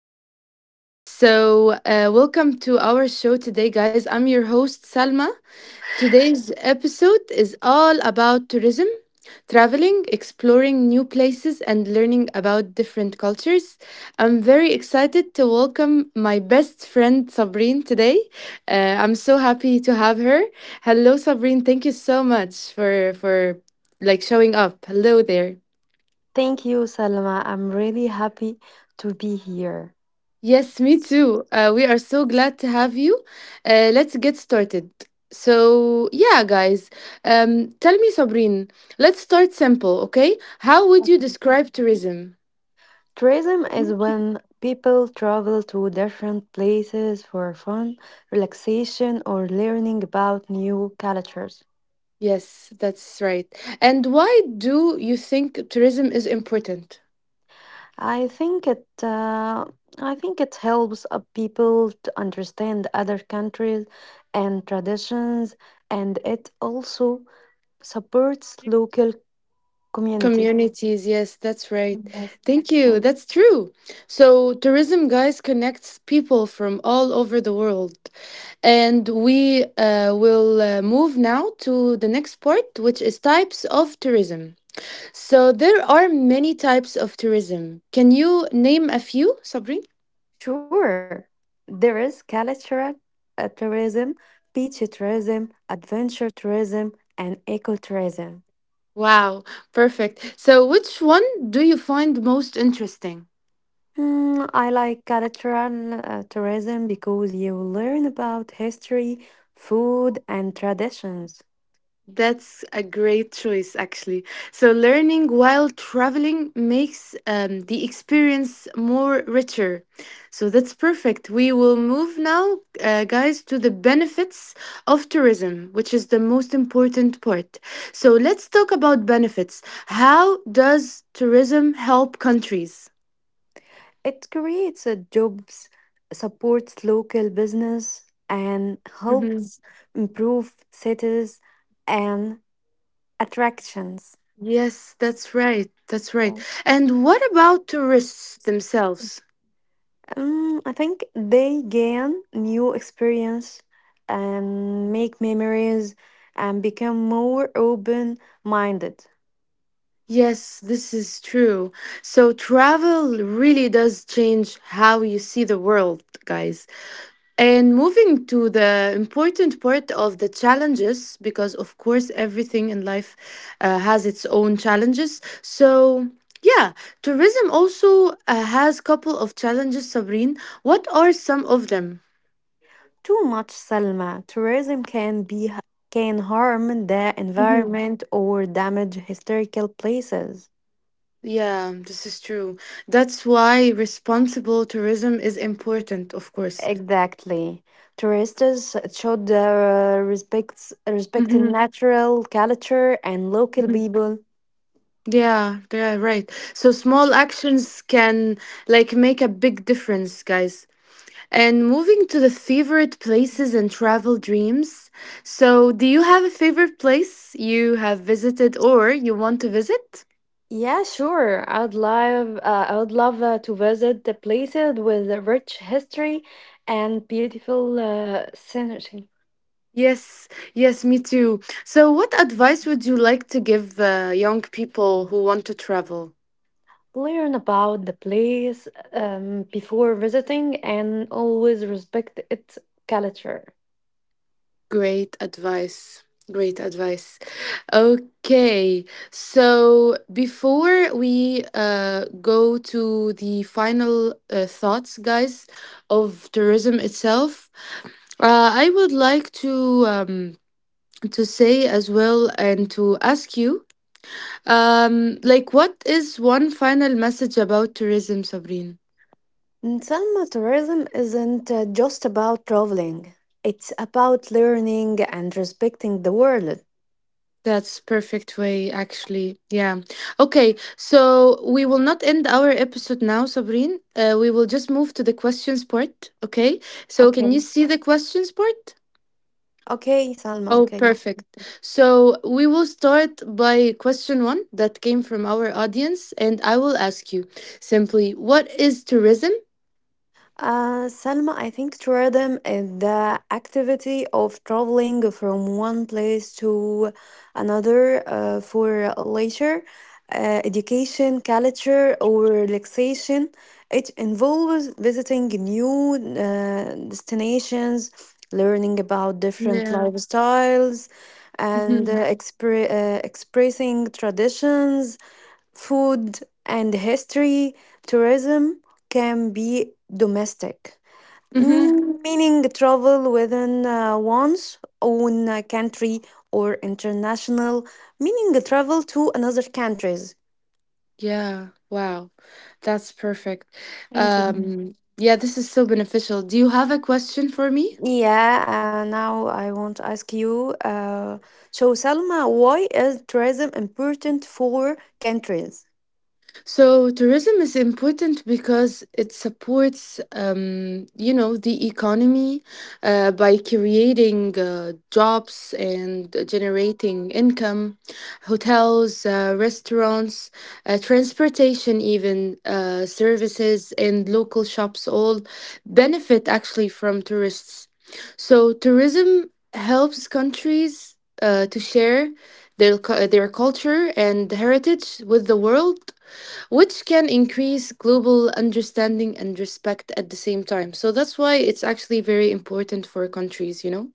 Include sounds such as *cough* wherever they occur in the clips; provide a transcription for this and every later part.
World. Welcome to our show today, guys. I'm your host, Salma. Today's episode is all about tourism, traveling, exploring new places, and learning about different cultures. I'm very excited to welcome my best friend Sabrine today. I'm so happy to have her. Hello, Sabrine. Thank you so much for like showing up. Hello there. Thank you, Salma. I'm really happy to be here. Yes, me too. We are so glad to have you. Let's get started. Guys, tell me, Sabrine, let's start simple, okay? How would you describe tourism? Tourism is when people travel to different places for fun, relaxation, or learning about new cultures. Yes, that's right. And why do you think tourism is important? I think it uh, I think it helps people to understand other countries and traditions, and it also supports local communities. Communities, yes, that's right. Yes. Thank you. That's true. So, tourism, guys, connects people from all over the world. And we will move now to the next part, which is types of tourism. So, there are many types of tourism. Can you name a few, Sabri? Sure, there is cultural tourism, beach tourism, adventure tourism, and ecotourism. Wow, perfect. So, which one do you find most interesting? I like cultural tourism because you learn about history, food, and traditions. That's a great choice, actually. So, learning while traveling makes the experience more richer. So, that's perfect. We will move now, guys, to the benefits of tourism, which is the most important part. So, let's talk about benefits. How does tourism help countries? It creates jobs, supports local business, and Mhm. helps improve cities and attractions. Yes, that's right. That's right. And what about tourists themselves? I think they gain new experience and make memories and become more open minded. Yes, this is true. So, travel really does change how you see the world, guys. And moving to the important part of the challenges, because of course, everything in life has its own challenges. Yeah, Tourism also has couple of challenges, Sabrine. What are some of them? Too much Salma, tourism can harm the Mhm. environment or damage historical places. Yeah, this is true. That's why responsible tourism is important, of course. Exactly. Tourists should respect the Mm-hmm. natural culture and local people. Yeah, right. So small actions can like make a big difference, guys. And moving to the favorite places and travel dreams. So, do you have a favorite place you have visited or you want to visit? Yeah, sure. I would love to visit the places with a rich history and beautiful scenery. Yes, yes, me too. So, what advice would you like to give young people who want to travel? Learn about the place before visiting and always respect its culture. Great advice. Great advice. Okay, so before we go to the final thoughts, guys, of tourism itself, I would like to say as well and to ask you, like, what is one final message about tourism, Sabrine? And Selma, tourism isn't just about traveling. It's about learning and respecting the world. That's perfect way actually. Yeah. Okay, so we will not end our episode now, Sabrine. We will just move to the questions part, okay? So Okay. can you see the questions part? Oh, Okay. perfect. So we will start by question one that came from our audience, and I will ask you simply, what is tourism? Salma, I think tourism is the activity of traveling from one place to another for leisure, education, culture, or relaxation. It involves visiting new destinations, learning about different Yeah. lifestyles, and Mm-hmm. Expressing traditions, food, and history. Tourism can be domestic, Mm-hmm. Meaning travel within one's own country, or international, meaning travel to another countries. Yeah. Wow. That's perfect. Thank you. Yeah, this is so beneficial. Do you have a question for me? Yeah, now I want to ask you. So, Salma, why is tourism important for countries? So tourism is important because it supports, you know, the economy by creating jobs and generating income. Hotels, restaurants, transportation, even services and local shops all benefit actually from tourists. So tourism helps countries to share their culture and heritage with the world which can increase global understanding and respect at the same time. So that's why it's actually very important for countries, you know?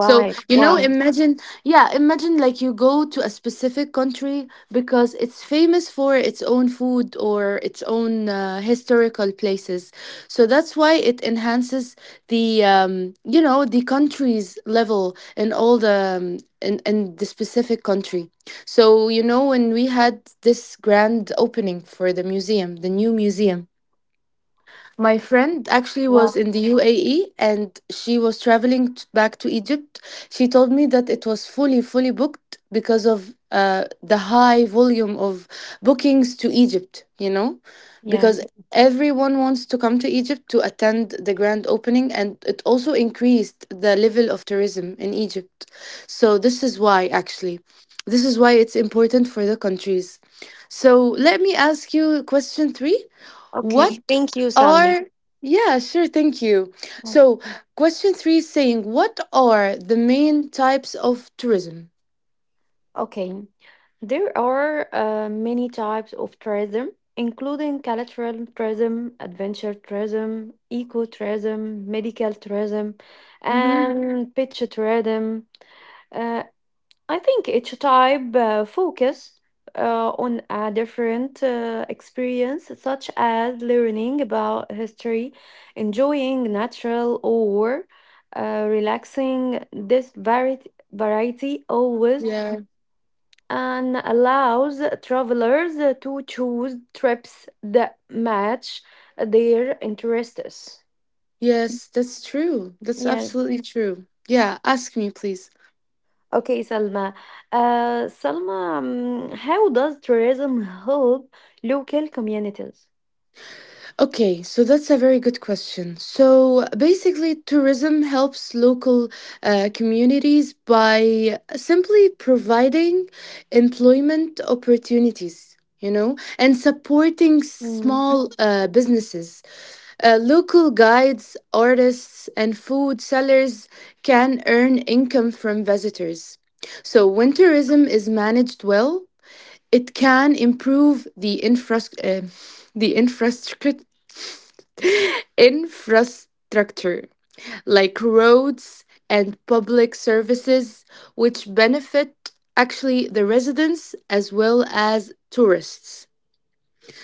So, you know, imagine, yeah, imagine like you go to a specific country because it's famous for its own food or its own historical places. So that's why it enhances the, you know, the country's level in all the, in the specific country. So, you know, when we had this grand opening for the museum, the new museum, my friend actually was in the UAE and she was traveling back to Egypt. She told me that it was fully booked because of the high volume of bookings to Egypt, you know, Yeah. because everyone wants to come to Egypt to attend the grand opening and it also increased the level of tourism in Egypt. So, this is why actually, this is why it's important for the countries. So, let me ask you question three. What Okay, thank you, Salma. are Yeah, sure, thank you. So, question three is saying, what are the main types of tourism? Okay, there are many types of tourism, including cultural tourism, adventure tourism, eco tourism, medical tourism, Mm-hmm. and pet tourism. Uh, I think each type focus on a different experience, such as learning about history, enjoying natural or relaxing. This variety always Yeah. and allows travelers to choose trips that match their interests. Yes, that's true. That's Yeah. absolutely true. Yeah, ask me, please. Okay, Salma. Salma, how does tourism help local communities? Okay, so that's a very good question. So basically, tourism helps local communities by simply providing employment opportunities, you know, and supporting Mm. small businesses. Local guides, artists, and food sellers can earn income from visitors. So when tourism is managed well, it can improve the infrastructure. the infrastructure *laughs* infrastructure like roads and public services, which benefit actually the residents as well as tourists.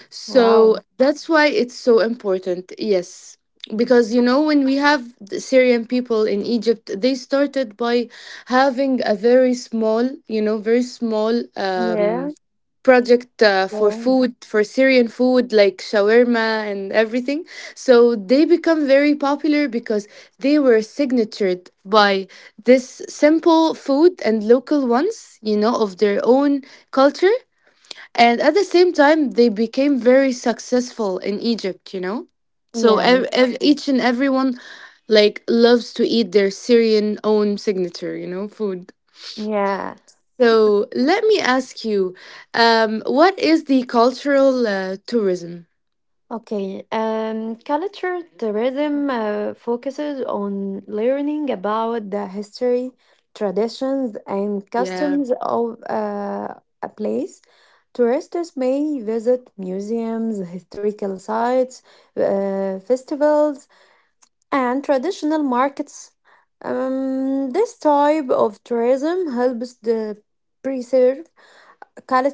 So Wow. that's why it's so important, yes. Because you know, when we have the Syrian people in Egypt, they started by having a very small, you know, very small Yeah. Project for Yeah. food for Syrian food like shawarma and everything. So they become very popular because they were signatured by this simple food and local ones, you know, of their own culture. And at the same time, they became very successful in Egypt, you know. So Yeah. Each and everyone like loves to eat their Syrian own signature, you know, food. Yeah. So let me ask you, what is the cultural tourism? Okay, culture tourism focuses on learning about the history, traditions, and Yeah. customs of a place. Tourists may visit museums, historical sites, festivals, and traditional markets. This type of tourism helps the preserve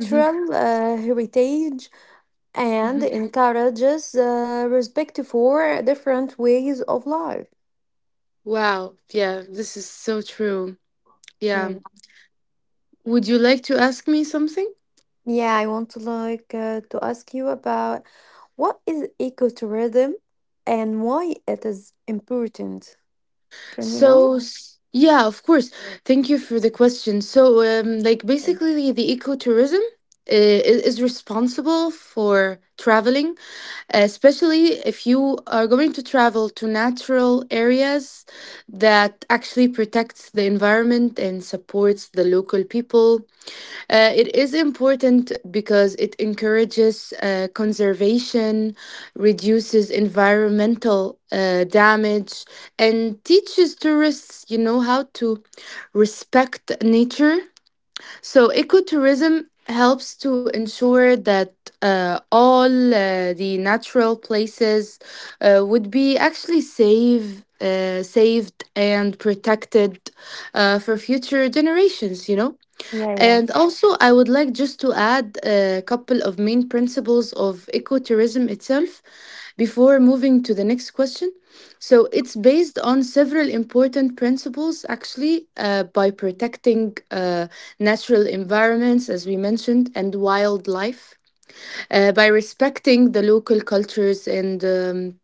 Hmm. Heritage and Hmm. encourages respect for different ways of life. Wow. Yeah, this is so true. Yeah. Yeah, Would you like to ask me something? yeah, I want to like to ask you about what is ecotourism and why it is important. Can we know? Yeah, of course. Thank you for the question. So, like basically, the ecotourism is responsible for traveling, especially if you are going to travel to natural areas that actually protects the environment and supports the local people. It is important because it encourages conservation reduces environmental damage, and teaches tourists, you know, how to respect nature. So, ecotourism helps to ensure that all the natural places would be actually safe. Saved and protected for future generations, you know? Yeah, yeah. And also, I would like just to add a couple of main principles of ecotourism itself before moving to the next question. So, it's based on several important principles actually by protecting natural environments, as we mentioned, and wildlife, by respecting the local cultures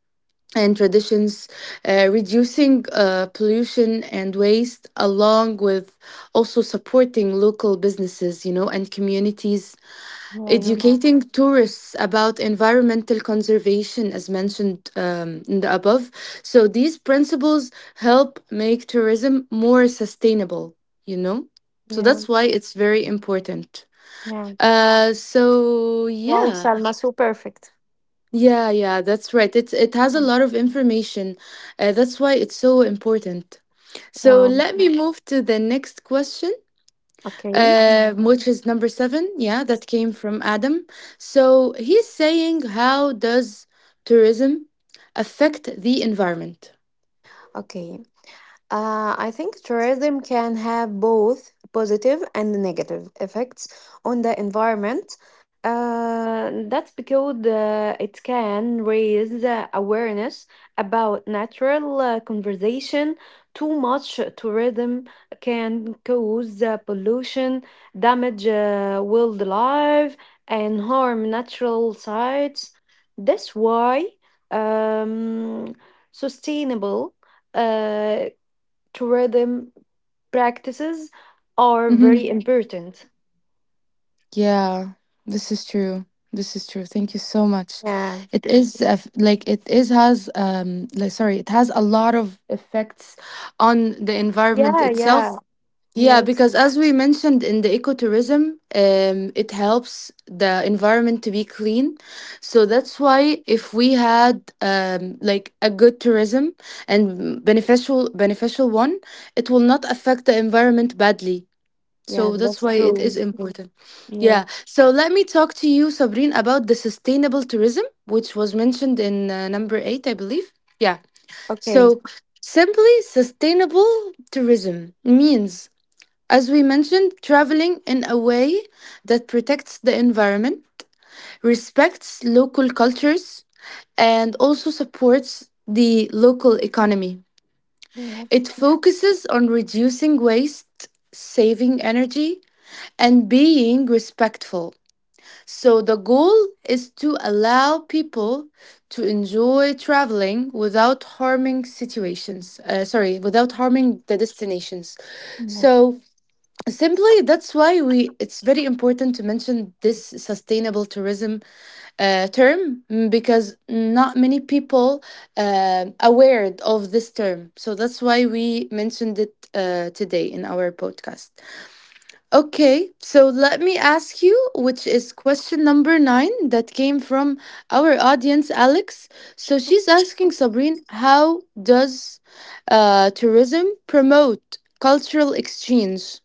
and traditions, reducing pollution and waste, along with also supporting local businesses, you know, and communities, Oh, I know. educating tourists about environmental conservation, as mentioned in the above. So these principles help make tourism more sustainable, you know. So Yeah, that's why it's very important. yeah. So Wow, yeah. Salma, so perfect. Yeah, yeah, that's right. It has a Um, lot of information. That's why it's so important. So um, let me move to the next question, okay, which is number seven. Yeah, that came from Adam. So he's saying, how does tourism affect the environment? okay. I think tourism can have both positive and negative effects on the environment. That's because it can raise awareness about natural conservation. Too much tourism can cause pollution, damage wildlife, and harm natural sites. That's why um, sustainable uh, to rhythm practices are Mm-hmm. very important. Yeah, this is true. This is true. Thank you so much. Yeah. It is a like it is has like sorry, it has a lot of effects on the environment Yeah, itself. yeah. Yeah, Yes. because as we mentioned in the ecotourism, it helps the environment to be clean. So that's why if we had like a good tourism and beneficial one, it will not affect the environment badly. Yeah, So that's that's why it is true. important. Yeah. Yeah. So let me talk to you, Sabrine, about the sustainable tourism, which was mentioned in number eight, I believe. Yeah. Okay. So simply sustainable tourism means as we mentioned, traveling in a way that protects the environment, respects local cultures, and also supports the local economy. Yes. It focuses on reducing waste, saving energy, and being respectful. So, the goal is to allow people to enjoy traveling without harming situations, without harming the destinations. So, simply, that's why we it's very important to mention this sustainable tourism term because not many people aware of this term. So that's why we mentioned it today in our podcast. Okay, so let me ask you, which is question number nine that came from our audience, Alex. So she's asking Sabrine, how does tourism promote cultural exchange?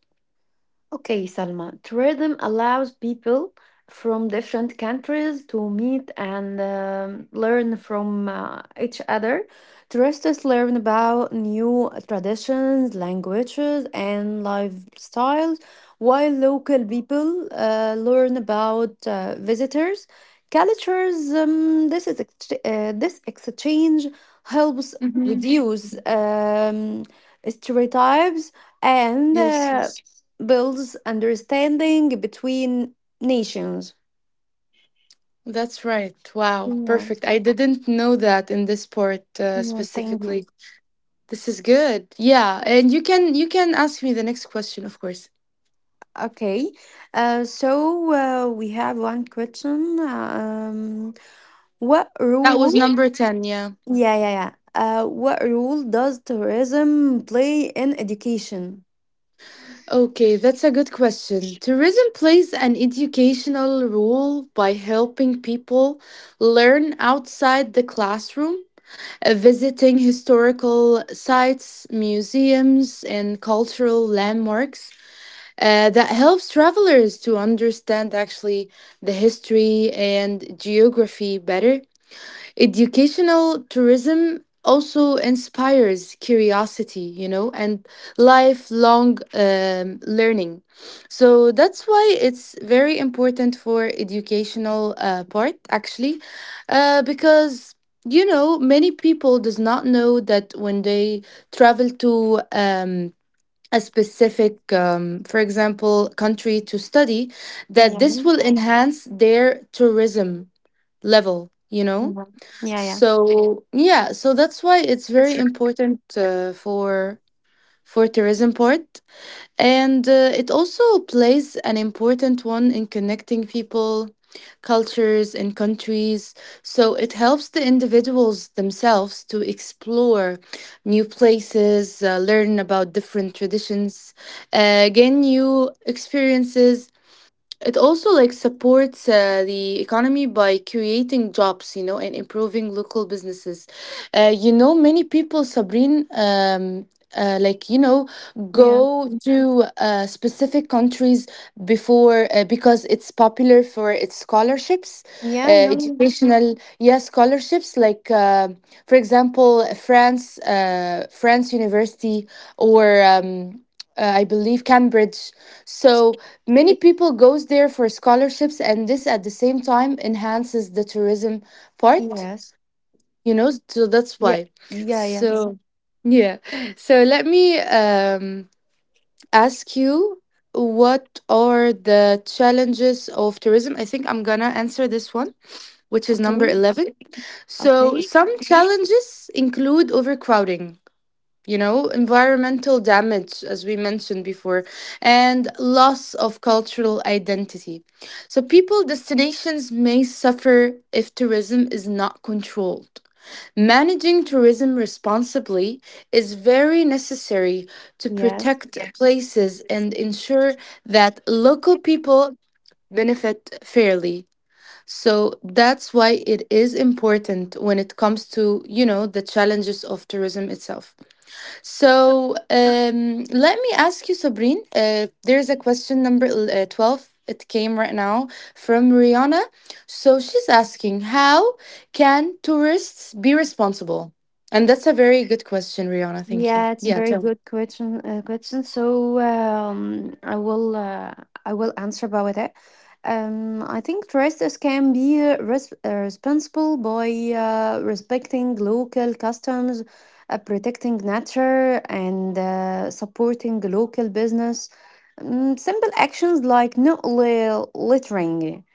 Okay, Salma, tourism allows people from different countries to meet and learn from each other. Tourists learn about new traditions, languages, and lifestyles, while local people learn about visitors' cultures. This exchange helps reduce stereotypes and Yes, yes. builds understanding between nations. That's right. Wow, Yeah, perfect. I didn't know that in this sport yeah, thank you. specifically. This is good. Yeah, and you can ask me the next question, of course. Okay, so we have one question. What That role? was number 10, yeah. Yeah, yeah, yeah. What role does tourism play in education? Okay, that's a good question. Tourism plays an educational role by helping people learn outside the classroom, visiting historical sites, museums, and cultural landmarks. That helps travelers to understand actually the history and geography better. Educational tourism also inspires curiosity, you know, and lifelong learning. So that's why it's very important for educational part actually, because you know many people does not know that when they travel to a specific, for example, country to study, that Yeah, this will enhance their tourism level, you know? yeah, yeah, yeah. So that's why it's very It's. important for tourism part and it also plays an important one in connecting people, cultures, and countries. So it helps the individuals themselves to explore new places, learn about different traditions, gain new experiences. It also like supports the economy by creating jobs, you know, and improving local businesses. Many people, Sabrine, uh, like you know, Yeah, go to specific countries before because it's popular for its scholarships, uh, yeah, I know. educational, yeah, scholarships. For example, France, France University, or I believe Cambridge. So many people goes there for scholarships, and this at the same time enhances the tourism part, Yes. you know, so that's Yeah, why. yeah, yes. So yeah. So let me ask you, what are the challenges of tourism? I think I'm gonna answer this one, which is Okay, number 11. So okay. some challenges include overcrowding, you know, environmental damage, as we mentioned before, and loss of cultural identity. So, people destinations may suffer if tourism is not controlled. Managing tourism responsibly is very necessary to Yes. protect, yes, places and ensure that local people benefit fairly. So that's why it is important when it comes to, you know, the challenges of tourism itself. So let me ask you, Sabrine. There's a question number 12. It came right now from Rihanna. So she's asking, how can tourists be responsible? And that's a very good question, Rihanna. Thank you. Yeah, it's a Yeah. very good question. Question. So I will answer about it. I think tourists can be responsible by respecting local customs, protecting nature, and supporting local business. Simple actions like not littering,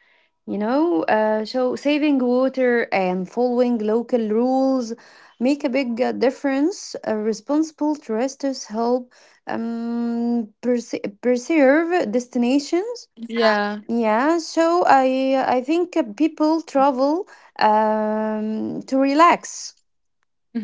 you know, so saving water and following local rules make a big difference. Responsible tourists help preserve destinations. Yeah. Yeah, so I think people travel to relax.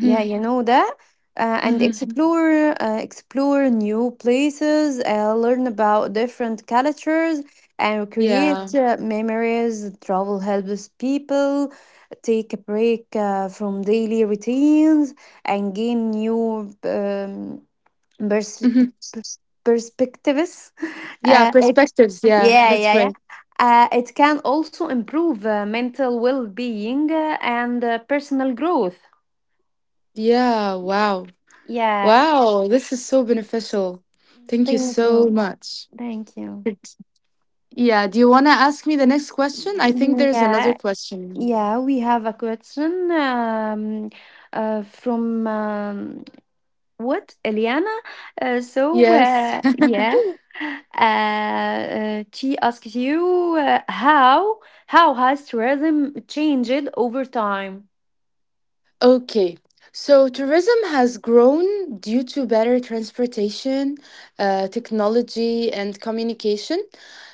Yeah, you know that. Uh, and Mm-hmm. explore uh, explore new places, learn about different cultures, and create Yeah. Memories. Travel helps people take a break from daily routines and gain new pers- Mm-hmm. pers- perspectives. *laughs* Yeah. Uh, it, Perspectives. Yeah. yeah, That's yeah, yeah. right. It can also improve mental well-being and personal growth. Yeah. Wow. Yeah. Wow. This is so beneficial. Thank you Thank so you. much. Thank you. Yeah, do you want to ask me the next question? I think Mm, there's another yeah, question. yeah, we have a question from what Eliana. Uh, so Yes. uh, yeah, *laughs* she asks you how has tourism changed over time? Okay, so tourism has grown due to better transportation, technology, and communication.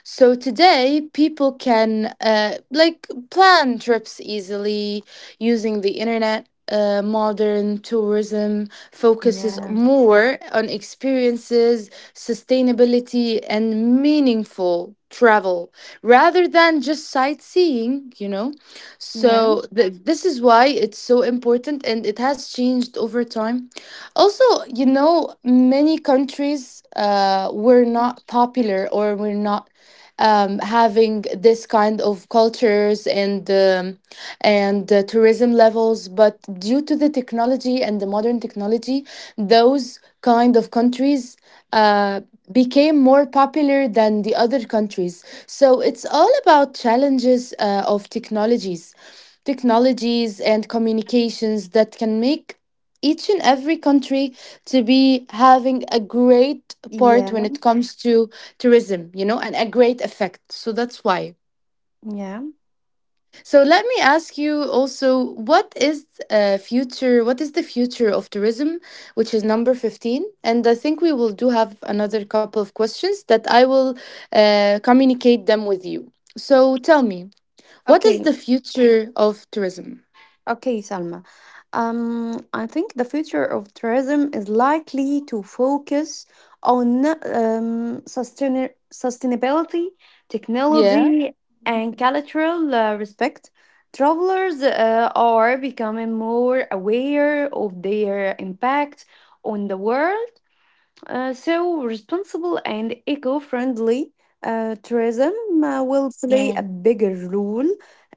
So today, people can like plan trips easily using the internet. Modern tourism focuses Yeah, more on experiences, sustainability, and meaningful travel rather than just sightseeing, you know. yeah, So this is why it's so important and it has changed over time. Also, you know, many countries were not popular or were not having this kind of cultures and tourism levels, but due to the technology and the modern technology, those kind of countries. Uh, became more popular than the other countries. So it's all about challenges of technologies, and communications that can make each and every country to be having a great part yeah, when it comes to tourism, you know, and a great effect. So that's why. yeah. So let me ask you also, what is future? What is the future of tourism, which is number 15? And I think we will do have another couple of questions that I will communicate them with you. So tell me, what is Okay. the future of tourism? Okay, Salma. I think the future of tourism is likely to focus on sustainability, Yeah. technology, and cultural respect. Travelers are becoming more aware of their impact on the world, so responsible and eco friendly tourism will play Yeah. a bigger role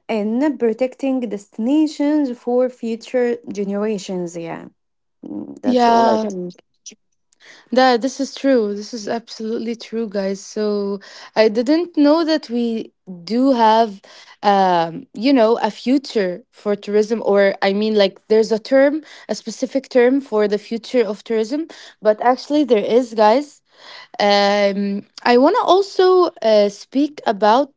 in protecting destinations for future generations. Yeah, mm, that's all I Yeah. can. That this is true. This is absolutely true, guys. So I didn't know that we do have, you know, a future for tourism, or I mean, like there's a term, a specific term for the future of tourism, but actually there is, guys. I want to also speak about,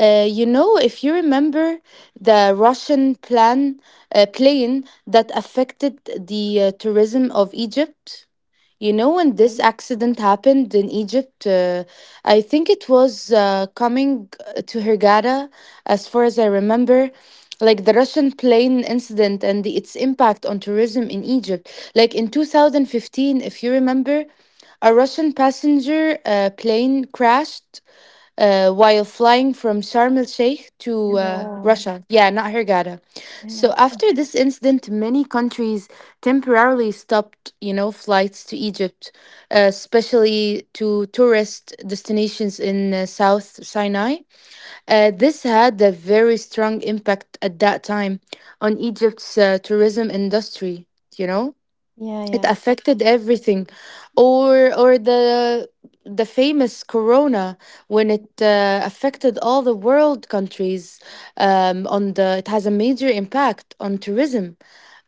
you know, if you remember the Russian plane that affected the tourism of Egypt. You know, when this accident happened in Egypt, I think it was coming to Hurghada, as far as I remember. Like the Russian plane incident and its impact on tourism in Egypt. Like in 2015, if you remember, a Russian passenger plane crashed while flying from Sharm el Sheikh to Yeah, Russia. Yeah, not Hurghada. yeah, So after this incident, many countries temporarily stopped, you know, flights to Egypt, especially to tourist destinations in South Sinai. This had a very strong impact at that time on Egypt's tourism industry, you know, it yeah, affected everything. Or or the the famous corona, when it affected all the world countries. On the It has a major impact on tourism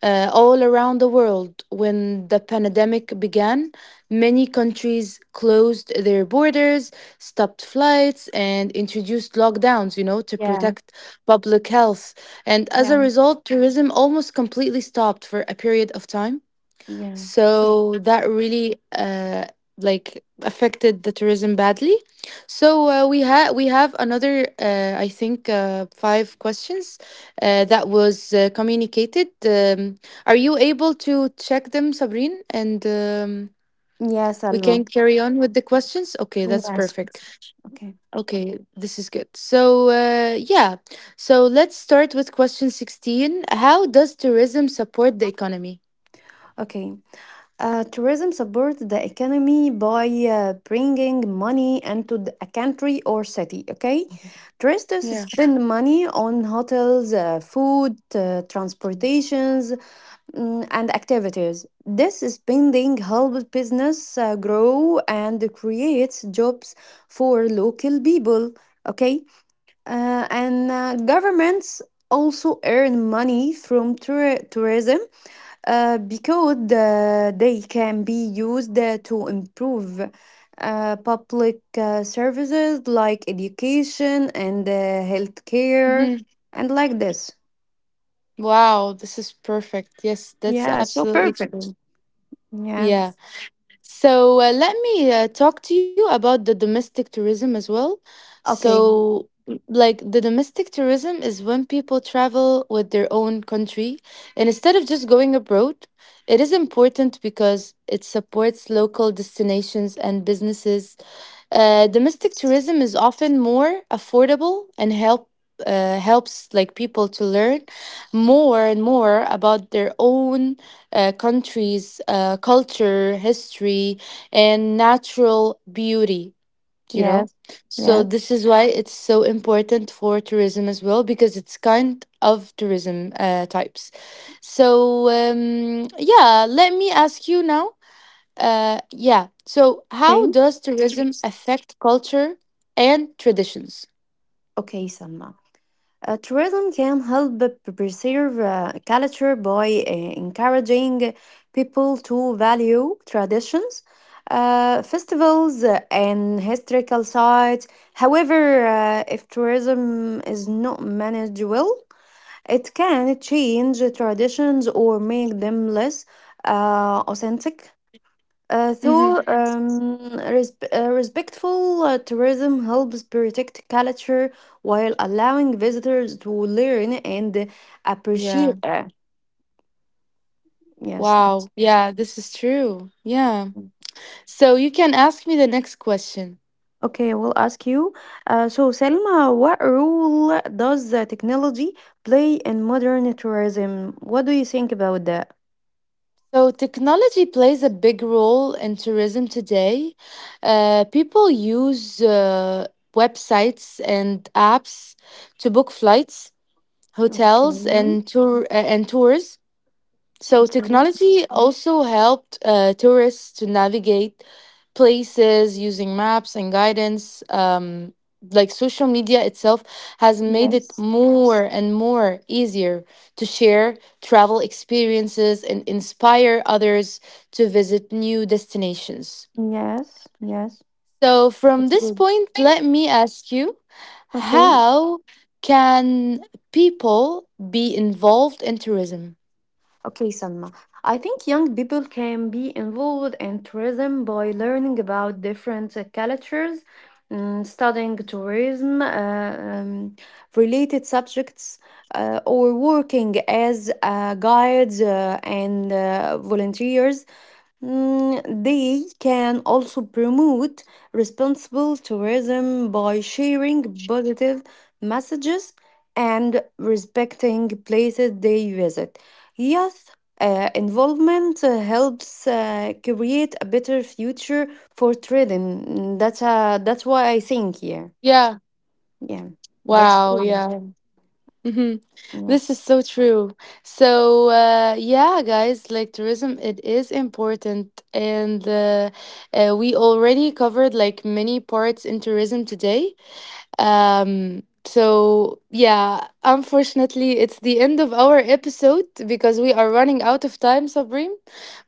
all around the world. When the pandemic began, many countries closed their borders, stopped flights, and introduced lockdowns, you know, to yeah, protect public health. And as a yeah, result, tourism almost completely stopped for a period of time. yeah. So that really affected the tourism badly. So we have another I think five questions that was communicated. Are you able to check them, Sabrine, and Yeah, we Salma. can carry on with the questions? Okay, that's Yes. perfect. Okay. Okay, this is good. So yeah, so let's start with question 16. How does tourism support the economy? Okay. Tourism supports the economy by bringing money into a country or city. Okay, tourists Yeah. spend money on hotels, food, transportations, and activities. This spending helps business grow and creates jobs for local people. Okay, and governments also earn money from tourism, because they can be used to improve public services like education and healthcare, and like this. Wow, this is perfect. Yes, that's Yeah, so absolutely true. perfect. Yeah. Yeah. So let me talk to you about the domestic tourism as well. Okay. So, the domestic tourism is when people travel with their own country. And instead of just going abroad, it is important because it supports local destinations and businesses. Domestic tourism is often more affordable and helps like people to learn more and more about their own country's culture, history, and natural beauty. You know, Yes, so yes. this is why it's so important for tourism as well, because it's kind of tourism types. So yeah, let me ask you now yeah. So, how Okay. does tourism affect culture and traditions? Okay, Salma. Tourism can help preserve culture by encouraging people to value traditions, festivals, and historical sites. However, if tourism is not managed well, it can change traditions or make them less authentic. Uh, Mm-hmm. through um, Respectful tourism helps protect culture while allowing visitors to learn and Yeah. appreciate. Yes. Wow. Yeah, this is true. Yeah. So, you can ask me the next question. Okay, I will ask you. So, Selma, what role does technology play in modern tourism? What do you think about that? So, technology plays a big role in tourism today. People use websites and apps to book flights, Okay. hotels, and tours. So Okay. technology also helped tourists to navigate places using maps and guidance. Like social media itself has made it Yes. more and more easier to share travel experiences and inspire others to visit new destinations. Yes. Yes. So, from That's this good. point, let me ask you, Okay. how can people be involved in tourism? Okay, Salma. I think young people can be involved in tourism by learning about different cultures, studying tourism related subjects, or working as guides and volunteers. They can also promote responsible tourism by sharing positive messages and respecting places they visit. Youth involvement helps create a better future for trading. Mm, that's why I think here. Yeah. Yeah, that's Wow. true. Yeah. Mm-hmm. This is Yes. so true. So yeah, guys, like tourism, it is important, and we already covered like many parts in tourism today. So, yeah, unfortunately, it's the end of our episode because we are running out of time, Sabrim.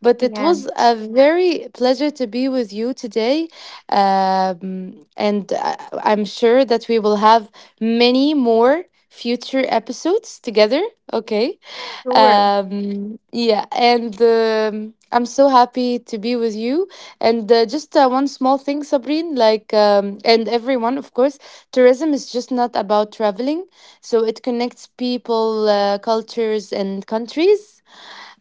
But it Yeah. was a very pleasure to be with you today. Um, and I, I'm sure that we will have many more future episodes together. Okay. Sure. Yeah, and I'm so happy to be with you. And just one small thing, Sabrine, like, and everyone, of course, tourism is just not about traveling. So it connects people, cultures, and countries.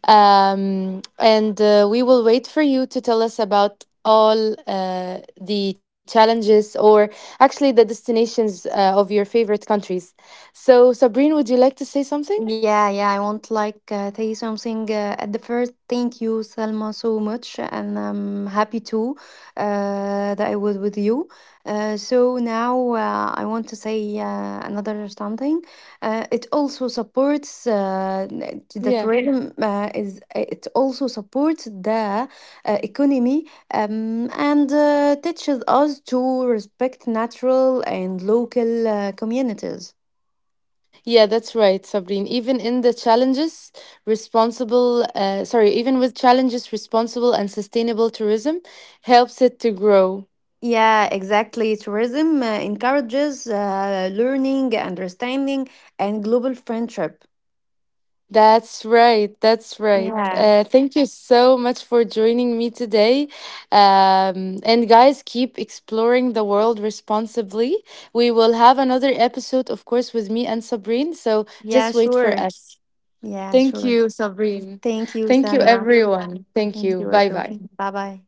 And we will wait for you to tell us about all the challenges, or actually the destinations of your favorite countries. So, Sabrine, would you like to say something? Yeah, yeah, I want like say something at the first. Thank you, Salma, so much, and I'm happy too that I was with you. So now I want to say another something. It also supports that Yeah. rhythm is. It also supports the economy and teaches us to respect natural and local communities. Yeah, that's right, Sabrine. Even in the challenges, even with challenges, responsible and sustainable tourism helps it to grow. Yeah, exactly. Tourism encourages learning, understanding, and global friendship. That's right. That's right. Yeah, Thank you so much for joining me today. And guys, keep exploring the world responsibly. We will have another episode, of course, with me and Sabrine. So yeah, just wait for sure. us. Yeah, Thank sure. you, Sabrine. Thank you, Thank you, Sandra. everyone. Thank Thank you. you, Bye everyone. bye. Bye bye.